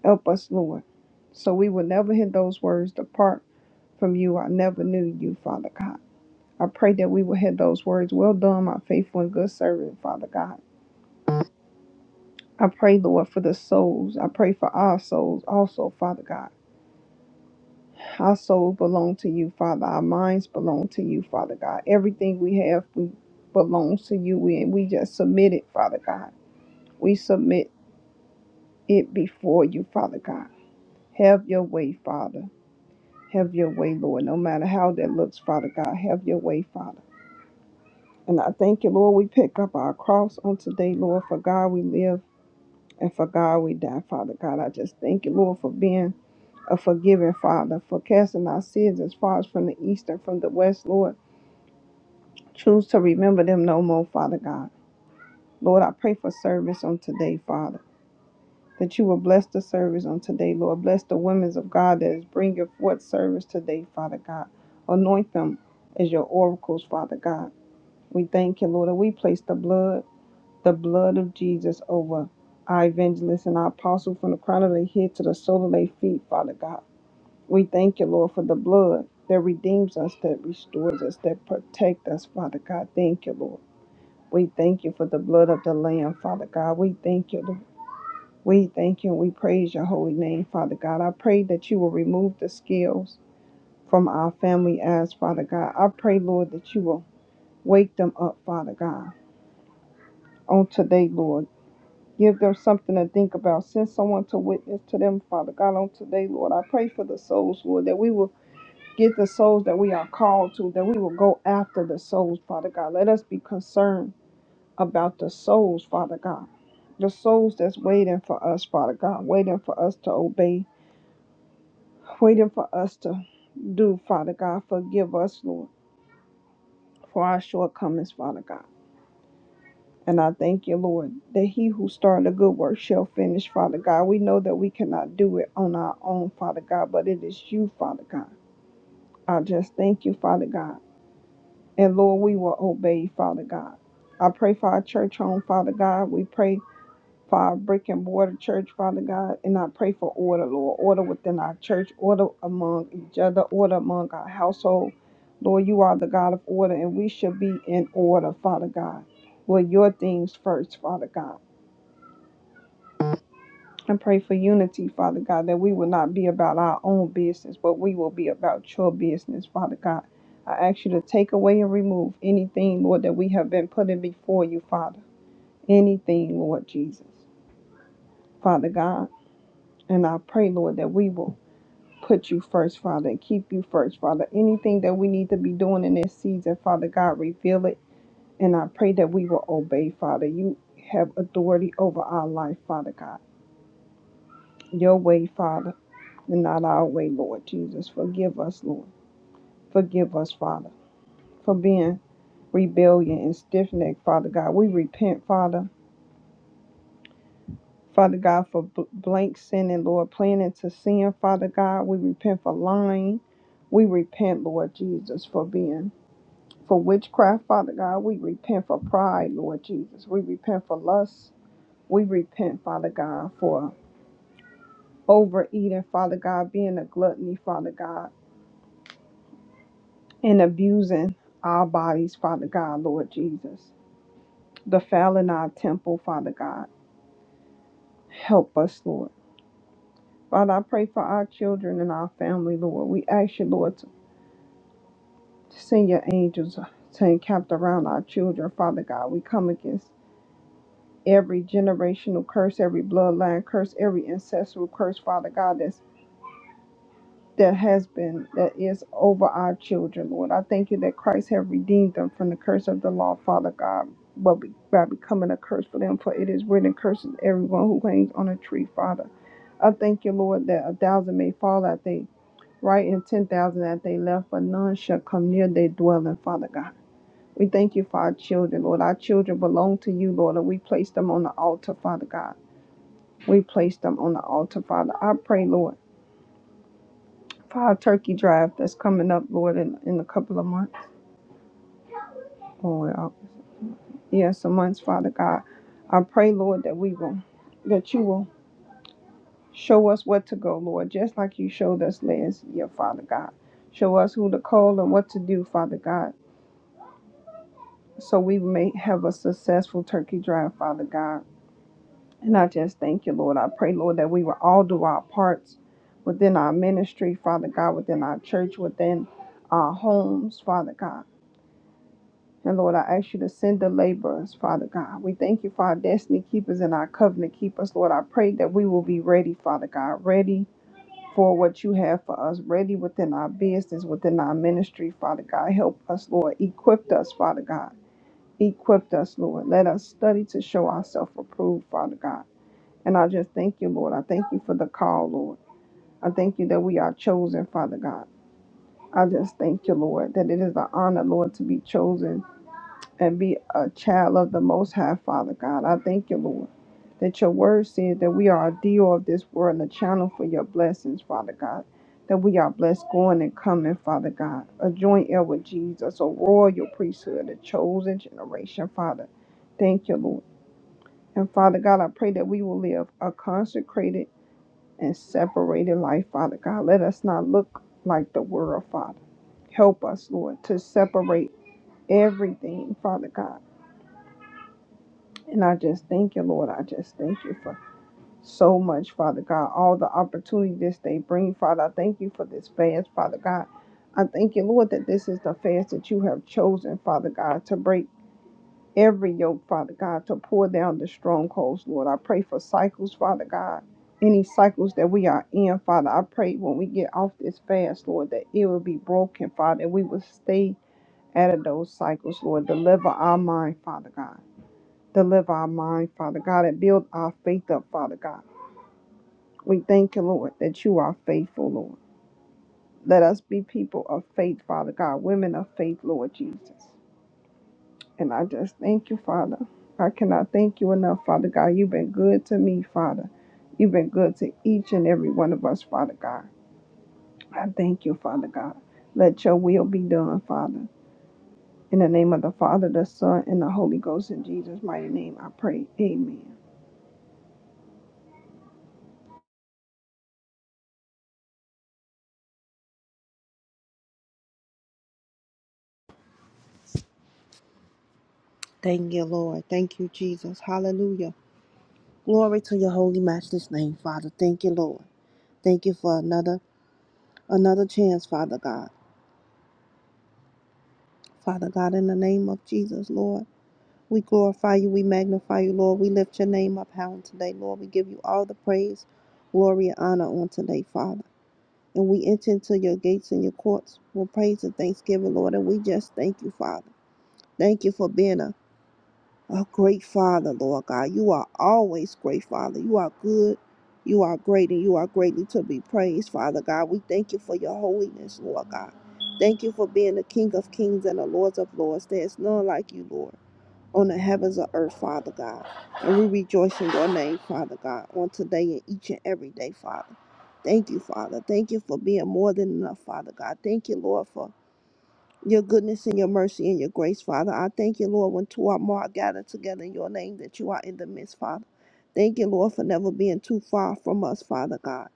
S3: Help us, Lord, so we will never hear those words depart from you. I never knew you, Father God. I pray that we will have those words. Well done, my faithful and good servant, Father God. I pray, Lord, for the souls. I pray for our souls also, Father God. Our souls belong to you, Father. Our minds belong to you, Father God. Everything we have we belongs to you. We, we just submit it, Father God. We submit it before you, Father God. Have your way, Father. Have your way, Lord. No matter how that looks, Father God, have your way, Father. And I thank you, Lord. We pick up our cross on today, Lord. For God, we live. And for God, we die, Father God. I just thank you, Lord, for being a forgiving Father, for casting our sins as far as from the east and from the west, Lord. Choose to remember them no more, Father God. Lord, I pray for service on today, Father, that you will bless the service on today, Lord. Bless the women of God that is bringing forth service today, Father God. Anoint them as your oracles, Father God. We thank you, Lord, and we place the blood. the blood of Jesus over our evangelist and our apostle from the crown of their head to the sole of their feet, Father God. We thank you, Lord, for the blood that redeems us, that restores us, that protects us, Father God. Thank you, Lord. We thank you for the blood of the Lamb, Father God. We thank you, Lord. We thank you and we praise your holy name, Father God. I pray that you will remove the scales from our family eyes, Father God. I pray, Lord, that you will wake them up, Father God, on today, Lord. Give them something to think about. Send someone to witness to them, Father God, on today, Lord. I pray for the souls, Lord, that we will get the souls that we are called to, that we will go after the souls, Father God. Let us be concerned about the souls, Father God. The souls that's waiting for us, Father God, waiting for us to obey, waiting for us to do, Father God. Forgive us, Lord, for our shortcomings, Father God. And I thank you, Lord, that he who started a good work shall finish, Father God. We know that we cannot do it on our own, Father God, but it is you, Father God. I just thank you, Father God. And Lord, we will obey, Father God. I pray for our church home, Father God. We pray for our brick and mortar church, Father God. And I pray for order, Lord. Order within our church, order among each other, order among our household. Lord, you are the God of order, and we should be in order, Father God. Well, your things first, Father God. I pray for unity, Father God, that we will not be about our own business, but we will be about your business, Father God. I ask you to take away and remove anything, Lord, that we have been putting before you, Father. Anything, Lord Jesus, Father God. And I pray, Lord, that we will put you first, Father, and keep you first, Father. Anything that we need to be doing in this season, Father God, reveal it. And I pray that we will obey, Father. You have authority over our life, Father God. Your way, Father. and not our way, Lord Jesus. Forgive us, Lord. Forgive us, Father, for being rebellion and stiff necked, Father God. We repent, Father. Father God, for bl- blank sinning, Lord, planning to sin, Father God. We repent for lying. We repent, Lord Jesus, for being for witchcraft, Father God. We repent for pride, Lord Jesus. We repent for lust. We repent, Father God, for overeating, Father God, being a gluttony, Father God. and abusing our bodies, Father God, Lord Jesus. Defiling our temple, Father God. Help us, Lord. Father, I pray for our children and our family, Lord. We ask you, Lord, to send your angels to encamp around our children, Father God. We come against every generational curse, every bloodline curse, every ancestral curse, Father God, that's that has been, that is over our children, Lord. I thank you that Christ have redeemed them from the curse of the law, Father God, but be- by becoming a curse for them, for it is written, curses everyone who hangs on a tree, Father. I thank you, Lord, that a thousand may fall at they right and ten thousand at they left, but none shall come near their dwelling, Father God. We thank you for our children, Lord. Our children belong to you, Lord, and we place them on the altar, Father God. We place them on the altar, Father. I pray, Lord for turkey drive that's coming up, Lord, in, in a couple of months. Oh uh, yeah, some months, Father God. I pray, Lord, that we will, that you will show us what to go, Lord, just like you showed us last year, Father God. Show us who to call and what to do, Father God, so we may have a successful turkey drive, Father God. And I just thank you, Lord. I pray, Lord, that we will all do our parts within our ministry, Father God, within our church, within our homes, Father God. And Lord, I ask you to send the laborers, Father God. We thank you for our destiny keepers and our covenant keepers, Lord. I pray that we will be ready, Father God, ready for what you have for us, ready within our business, within our ministry, Father God. Help us, Lord. Equip us, Father God. Equip us, Lord. Let us study to show ourselves approved, Father God. And I just thank you, Lord. I thank you for the call, Lord. I thank you that we are chosen, Father God. I just thank you, Lord, that it is an honor, Lord, to be chosen and be a child of the Most High, Father God. I thank you, Lord, that your word says that we are a deal of this world and a channel for your blessings, Father God. That we are blessed going and coming, Father God. A joint heir with Jesus, a royal priesthood, a chosen generation, Father. Thank you, Lord. And Father God, I pray that we will live a consecrated and separated life, Father God. Let us not look like the world, Father. Help us, Lord, to separate everything, Father God And I just thank you, Lord. I just thank you for so much, Father God. All the opportunities they bring, Father. I thank you for this fast, Father God. I thank you, Lord, that this is the fast that you have chosen, Father God, to break every yoke, Father God, to pour down the strongholds, Lord. I pray for cycles, Father God. Any cycles that we are in, Father, I pray when we get off this fast, Lord, that it will be broken, Father, and we will stay out of those cycles, Lord. Deliver our mind, Father God. Deliver our mind, Father God, and build our faith up, Father God. We thank you, Lord, that you are faithful, Lord. Let us be people of faith, Father God, women of faith, Lord Jesus. And I just thank you, Father. I cannot thank you enough, Father God. You've been good to me, Father. You've been good to each and every one of us, Father God. I thank you, Father God. Let your will be done, Father. In the name of the Father, the Son, and the Holy Ghost, in Jesus' mighty name, I pray. Amen.
S4: Thank you, Lord. Thank you, Jesus. Hallelujah. Glory to your holy matchless name, Father. Thank you, Lord. Thank you for another another chance, Father God. Father God, in the name of Jesus, Lord, we glorify you, we magnify you, Lord. We lift your name up high on today, Lord. We give you all the praise, glory, and honor on today, Father. And we enter into your gates and your courts with praise and thanksgiving, Lord. And we just thank you, Father. Thank you for being a a great Father, Lord God. You are always great, Father. You are good. You are great and you are greatly to be praised, Father God. We thank you for your holiness, Lord God. Thank you for being the King of kings and the Lords of lords. There is none like you, Lord, on the heavens or earth, Father God. And we rejoice in your name, Father God, on today and each and every day, Father. Thank you, Father. Thank you for being more than enough, Father God. Thank you, Lord, for your goodness and your mercy and your grace, Father. I thank you, Lord, when two or more are gathered together in your name that you are in the midst, Father. Thank you, Lord, for never being too far from us, Father God.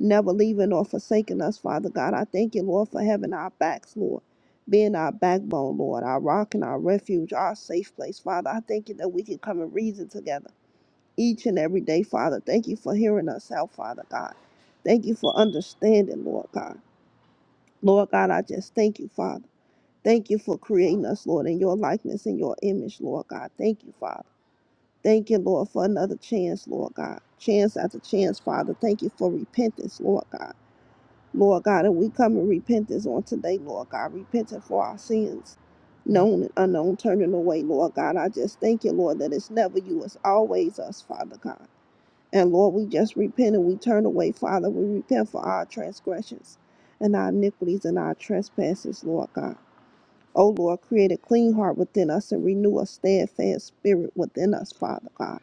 S4: Never leaving or forsaking us, Father God. I thank you, Lord, for having our backs, Lord. Being our backbone, Lord, our rock and our refuge, our safe place, Father. I thank you that we can come and reason together each and every day, Father. Thank you for hearing us out, Father God. Thank you for understanding, Lord God. Lord God, I just thank you, Father. Thank you for creating us, Lord, in your likeness and your image, Lord God. Thank you, Father. Thank you, Lord, for another chance, Lord God. Chance after chance, Father. Thank you for repentance, Lord God. Lord God, and we come in repentance on today, Lord God, repenting for our sins, known and unknown, turning away, Lord God. I just thank you, Lord, that it's never you, it's always us, Father God. And Lord, we just repent and we turn away, Father. We repent for our transgressions and our iniquities and our trespasses, Lord God. O Lord, create a clean heart within us and renew a steadfast spirit within us, Father God.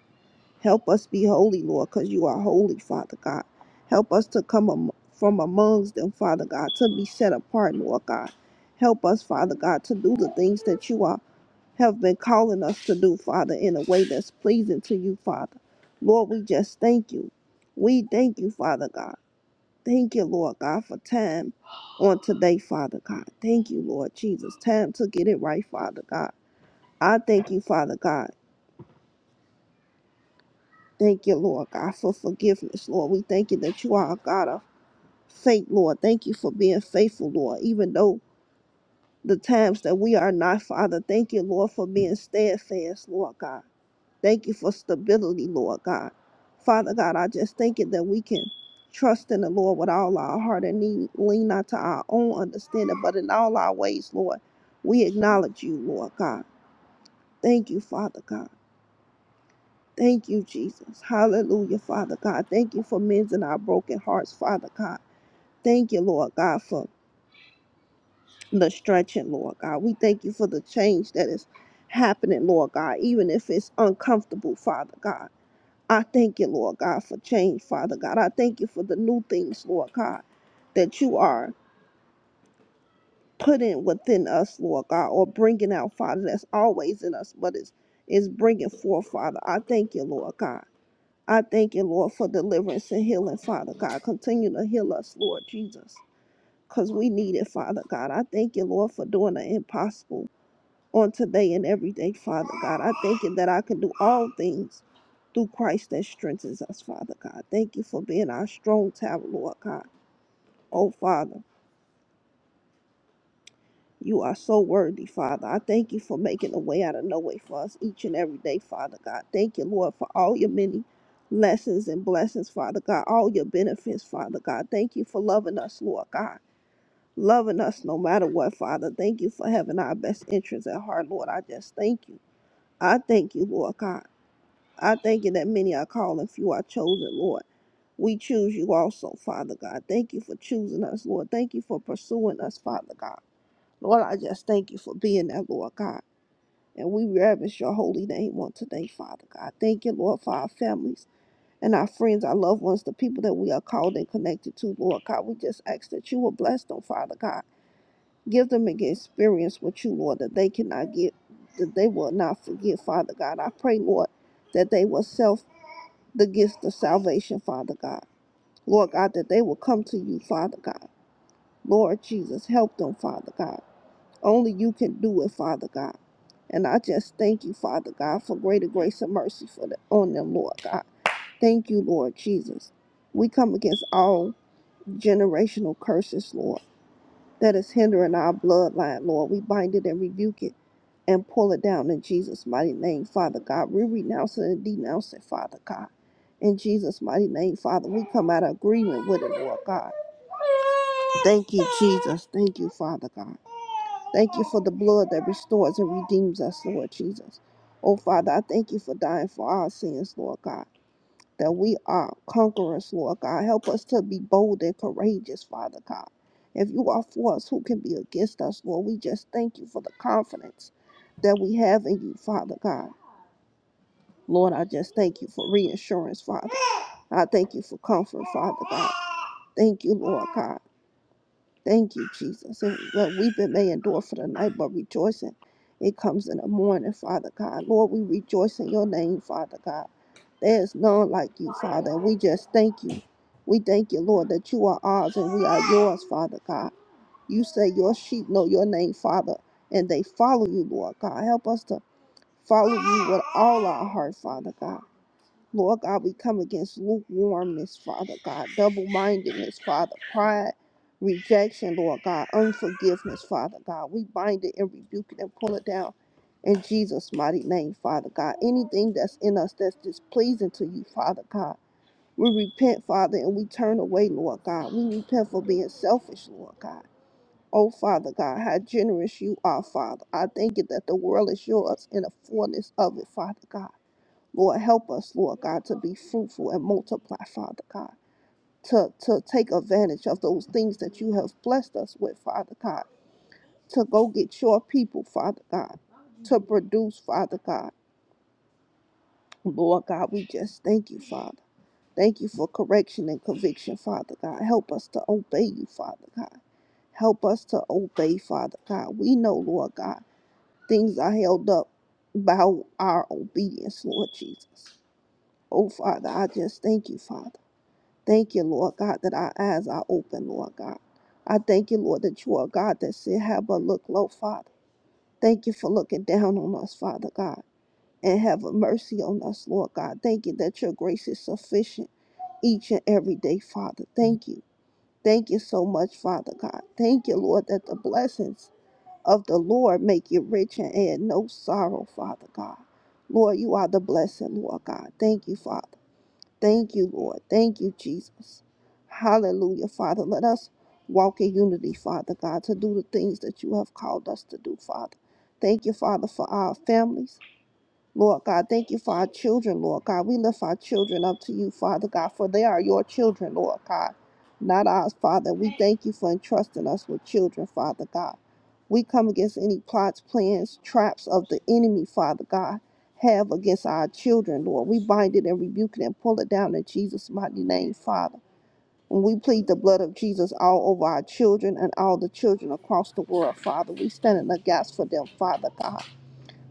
S4: Help us be holy, Lord, because you are holy, Father God. Help us to come am- from amongst them, Father God, to be set apart, Lord God. Help us, Father God, to do the things that you are have been calling us to do, Father, in a way that's pleasing to you, Father. Lord, we just thank you. We thank you, Father God. Thank you, Lord God, for time on today, Father God. Thank you, Lord Jesus. Time to get it right, Father God. I thank you, Father God. Thank you, Lord God, for forgiveness, Lord. We thank you that you are a God of faith, Lord. Thank you for being faithful, Lord, even though the times that we are not, Father. Thank you, Lord, for being steadfast, Lord God. Thank you for stability, Lord God. Father God, I just thank you that we can trust in the Lord with all our heart and need, lean not to our own understanding, but in all our ways, Lord, we acknowledge you, Lord God. Thank you, Father God. Thank you, Jesus. Hallelujah, Father God. Thank you for mending our broken hearts, Father God. Thank you, Lord God, for the stretching, Lord God. We thank you for the change that is happening, Lord God, even if it's uncomfortable, Father God. I thank you, Lord God, for change, Father God. I thank you for the new things, Lord God, that you are putting within us, Lord God, or bringing out, Father, that's always in us, but it's, it's bringing forth, Father. I thank you, Lord God. I thank you, Lord, for deliverance and healing, Father God. Continue to heal us, Lord Jesus, because we need it, Father God. I thank you, Lord, for doing the impossible on today and every day, Father God. I thank you that I can do all things through Christ that strengthens us, Father God. Thank you for being our strong tower, Lord God. Oh, Father, you are so worthy, Father. I thank you for making a way out of no way for us each and every day, Father God. Thank you, Lord, for all your many lessons and blessings, Father God, all your benefits, Father God. Thank you for loving us, Lord God. Loving us no matter what, Father. Thank you for having our best interests at heart, Lord. I just thank you. I thank you, Lord God. I thank you that many are called and few are chosen, Lord. We choose you also, Father God. Thank you for choosing us, Lord. Thank you for pursuing us, Father God. Lord, I just thank you for being there, Lord God. And we reverence your holy name on today, Father God. Thank you, Lord, for our families and our friends, our loved ones, the people that we are called and connected to, Lord God. We just ask that you will bless them, Father God. Give them an experience with you, Lord, that they cannot get, that they will not forget, Father God. I pray, Lord, that they will self the gift of salvation, Father God. Lord God, that they will come to you, Father God. Lord Jesus, help them, Father God. Only you can do it, Father God. And I just thank you, Father God, for greater grace and mercy for the, on them, Lord God. Thank you, Lord Jesus. We come against all generational curses, Lord, that is hindering our bloodline, Lord. We bind it and rebuke it and pull it down in Jesus' mighty name, Father God. We renounce it and denounce it, Father God. In Jesus' mighty name, Father, we come out of agreement with it, Lord God. Thank you, Jesus. Thank you, Father God. Thank you for the blood that restores and redeems us, Lord Jesus. Oh, Father, I thank you for dying for our sins, Lord God that we are conquerors, Lord God. Help us to be bold and courageous, Father God. If you are for us, who can be against us, Lord? We just thank you for the confidence that we have in you, Father God. Lord, I just thank you for reassurance, Father. I thank you for comfort, Father God. Thank you, Lord God. Thank you, Jesus. And what weeping may endure for the night, but rejoicing, it comes in the morning, Father God. Lord, we rejoice in your name, Father God. There is none like you, Father. And we just thank you. We thank you, Lord, that you are ours and we are yours, Father God. You say your sheep know your name, Father, and they follow you, Lord God. Help us to follow you with all our heart, Father God. Lord God, we come against lukewarmness, Father God, double mindedness, Father, pride, rejection, Lord God, unforgiveness, Father God. We bind it and rebuke it and pull it down in Jesus' mighty name, Father God. Anything that's in us that's displeasing to you, Father God. We repent, Father, and we turn away, Lord God. We repent for being selfish, Lord God. Oh, Father God, how generous you are, Father. I thank you that the world is yours and the fullness of it, Father God. Lord, help us, Lord God, to be fruitful and multiply, Father God, to, to take advantage of those things that you have blessed us with, Father God, to go get your people, Father God, to produce, Father God. Lord God, we just thank you, Father. Thank you for correction and conviction, Father God. Help us to obey you, Father God. Help us to obey, Father God. We know, Lord God, things are held up by our obedience, Lord Jesus. Oh, Father, I just thank you, Father. Thank you, Lord God, that our eyes are open, Lord God. I thank you, Lord, that you are a God that said, Have but look low, Father. Thank you for looking down on us, Father God, and have mercy on us, Lord God. Thank you that your grace is sufficient each and every day, Father. Thank you. Thank you so much, Father God. Thank you, Lord, that the blessings of the Lord make you rich and add no sorrow, Father God. Lord, you are the blessing, Lord God. Thank you, Father. Thank you, Lord. Thank you, Jesus. Hallelujah, Father. Let us walk in unity, Father God, to do the things that you have called us to do, Father. Thank you, Father, for our families. Lord God, thank you for our children, Lord God. We lift our children up to you, Father God, for they are your children, Lord God, not ours, Father. We thank you for entrusting us with children, Father God. We come against any plots, plans, traps of the enemy, Father God, have against our children, Lord. We bind it and rebuke it and pull it down in Jesus' mighty name, Father. And we plead the blood of Jesus all over our children and all the children across the world, Father. We stand in the gaps for them, Father God.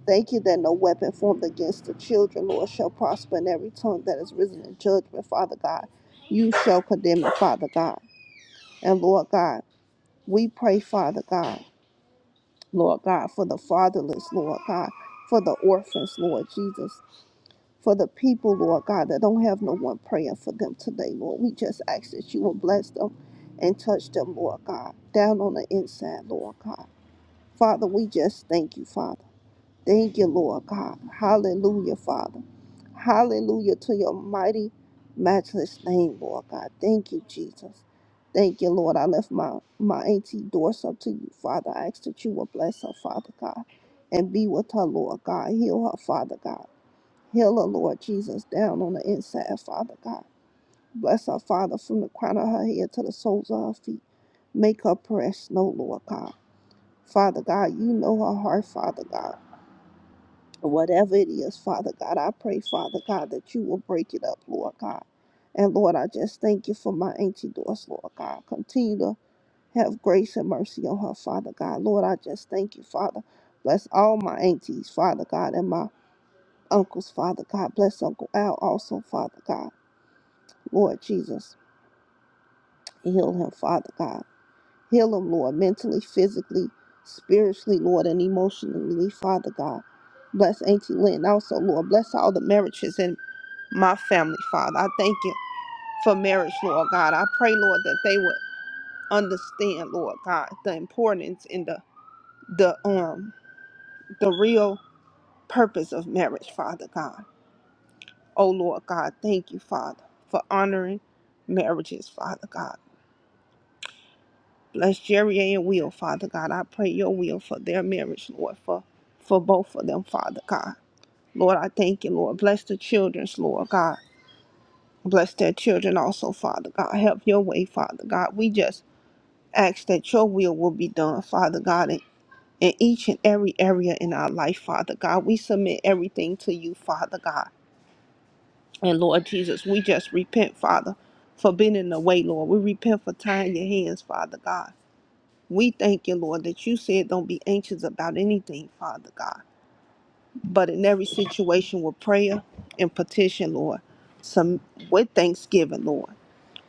S4: Thank you that no weapon formed against the children, Lord, shall prosper, and every tongue that is risen in judgment, Father God, you shall condemn it, Father God. And Lord God, we pray, Father God, Lord God, for the fatherless, Lord God, for the orphans, Lord Jesus, for the people, Lord God, that don't have no one praying for them today, Lord. We just ask that you will bless them and touch them, Lord God, down on the inside, Lord God. Father, we just thank you, Father. Thank you, Lord God. Hallelujah, Father. Hallelujah to your mighty, matchless name, Lord God. Thank you, Jesus. Thank you, Lord. I lift my, my auntie doors up to you, Father. I ask that you will bless her, Father God, and be with her, Lord God. Heal her, Father God. Heal her, Lord Jesus, down on the inside, Father God. Bless her, Father, from the crown of her head to the soles of her feet. Make her press, no, Lord God. Father God, you know her heart, Father God whatever it is, Father God, I pray, Father God, that you will break it up, Lord God. And Lord, I just thank you for my auntie Doris, Lord God. Continue to have grace and mercy on her, Father God. Lord, I just thank you, Father. Bless all my aunties, Father God, and my uncles, Father God. Bless Uncle Al also, Father God. Lord Jesus, heal him, Father God. Heal them, Lord, mentally, physically, spiritually, Lord, and emotionally, Father God. Bless Auntie Lynn also, Lord. Bless all the marriages in my family, Father. I thank you for marriage, Lord God. I pray, Lord, that they would understand, Lord God, the importance and the the um the real purpose of marriage, Father God. Oh Lord God, thank you, Father, for honoring marriages, Father God. Bless Jerry and Will, Father God. I pray your will for their marriage, Lord, for, for both of them, Father God. Lord, I thank you, Lord. Bless the children's, Lord God. Bless their children also, Father God. Help your way, Father God. We just ask that your will will be done, Father God, in, in each and every area in our life, Father God. We submit everything to you, Father God. And Lord Jesus, we just repent, Father, for being in the way, Lord. We repent for tying your hands, Father God. We thank you, Lord, that you said don't be anxious about anything, Father God, but in every situation with prayer and petition, Lord, some with thanksgiving, Lord,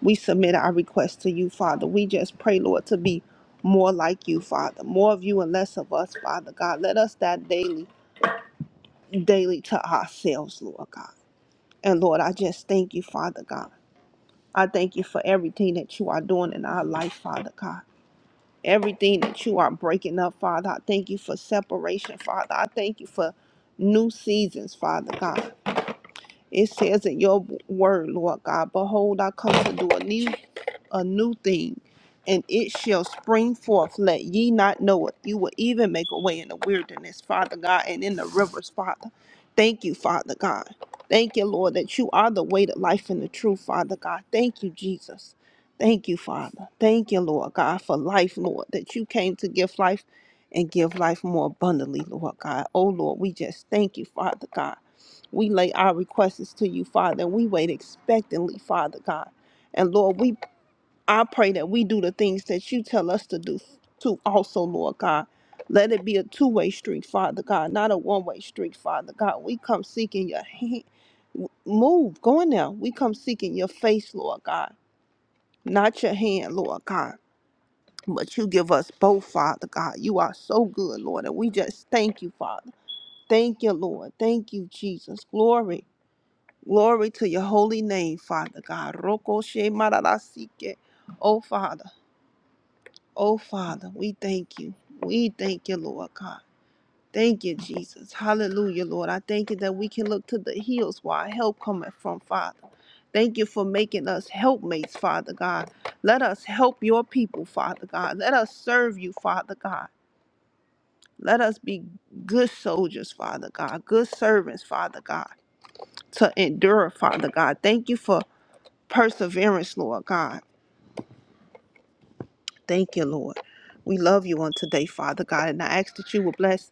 S4: we submit our request to you, Father. We just pray, Lord, to be more like you, Father, more of you and less of us, Father God. Let us that daily, daily to ourselves, Lord God. And Lord, I just thank you, Father God. I thank you for everything that you are doing in our life, Father God. everything that you are breaking up, Father. I thank you for separation, Father. I thank you for new seasons, Father God. It says in your word, Lord God, behold, I come to do a new a new thing, and it shall spring forth. Let ye not know it. You will even make a way in the wilderness, Father God, and in the rivers, Father. Thank you, Father God. Thank you, Lord, that you are the way, the life, and the truth, Father God. Thank you, Jesus. Thank you, Father. Thank you, Lord God, for life, Lord, that you came to give life and give life more abundantly, Lord God. Oh, Lord, we just thank you, Father God. We lay our requests to you, Father, and we wait expectantly, Father God. And Lord, we I pray that we do the things that you tell us to do too also, Lord God. Let it be a two-way street, Father God, not a one-way street, Father God. We come seeking your hand. Move, go in there. We come seeking your face, Lord God, not your hand, Lord God. But you give us both, Father God. You are so good, Lord. And we just thank you, Father. Thank you, Lord. Thank you, Jesus. Glory. Glory to your holy name, Father God. Roko she mararasike. Oh, Father. Oh, Father, we thank you. We thank you, Lord God. Thank you, Jesus. Hallelujah, Lord. I thank you that we can look to the hills where our help cometh from, Father. Thank you for making us helpmates, Father God. Let us help your people, Father God. Let us serve you, Father God. Let us be good soldiers, Father God, good servants, Father God, to endure, Father God. Thank you for perseverance, Lord God. Thank you, Lord. We love you on today, Father God, and I ask that you will bless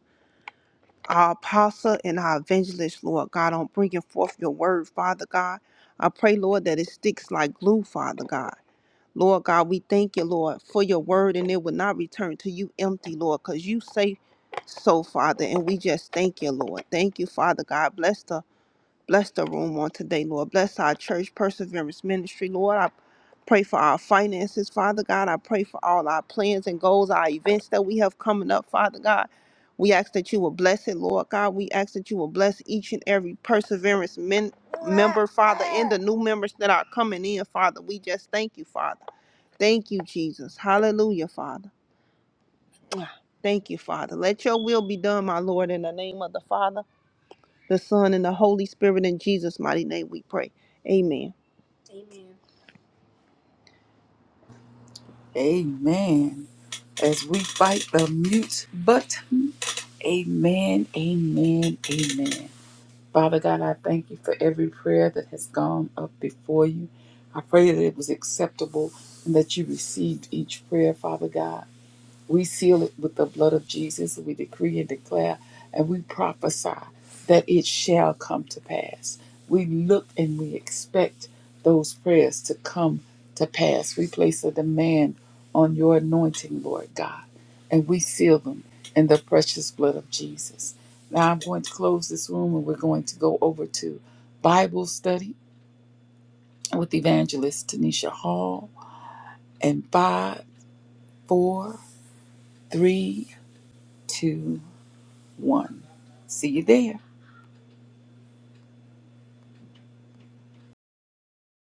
S4: our apostle and our evangelist, Lord God, on bringing forth your word, Father God. I pray, Lord, that it sticks like glue, Father God. Lord God, we thank you, Lord, for your word, and it will not return to you empty, Lord, because you say so, Father, and we just thank you, Lord. Thank you, Father God. Bless the Bless the room on today, Lord. Bless our church, Perseverance Ministry, Lord. I pray for our finances, Father God. I pray for all our plans and goals, our events that we have coming up, Father God. We ask that you will bless it, Lord God. We ask that you will bless each and every Perseverance men- member, Father, and the new members that are coming in, Father. We just thank you, Father. Thank you, Jesus. Hallelujah, Father. Thank you, Father. Let your will be done, my Lord, in the name of the Father, the Son, and the Holy Spirit. In Jesus' mighty name we pray. Amen.
S1: Amen. As we fight the mute button, amen, amen, amen. Father God, I thank you for every prayer that has gone up before you. I pray that it was acceptable and that you received each prayer, Father God. We seal it with the blood of Jesus. We decree and declare and we prophesy that it shall come to pass. We look and we expect those prayers to come to pass. We place a demand on your anointing, Lord God, and we seal them in the precious blood of Jesus. Now I'm going to close this room and we're going to go over to Bible study with evangelist Tanisha Hall and five, four, three, two one. See you there.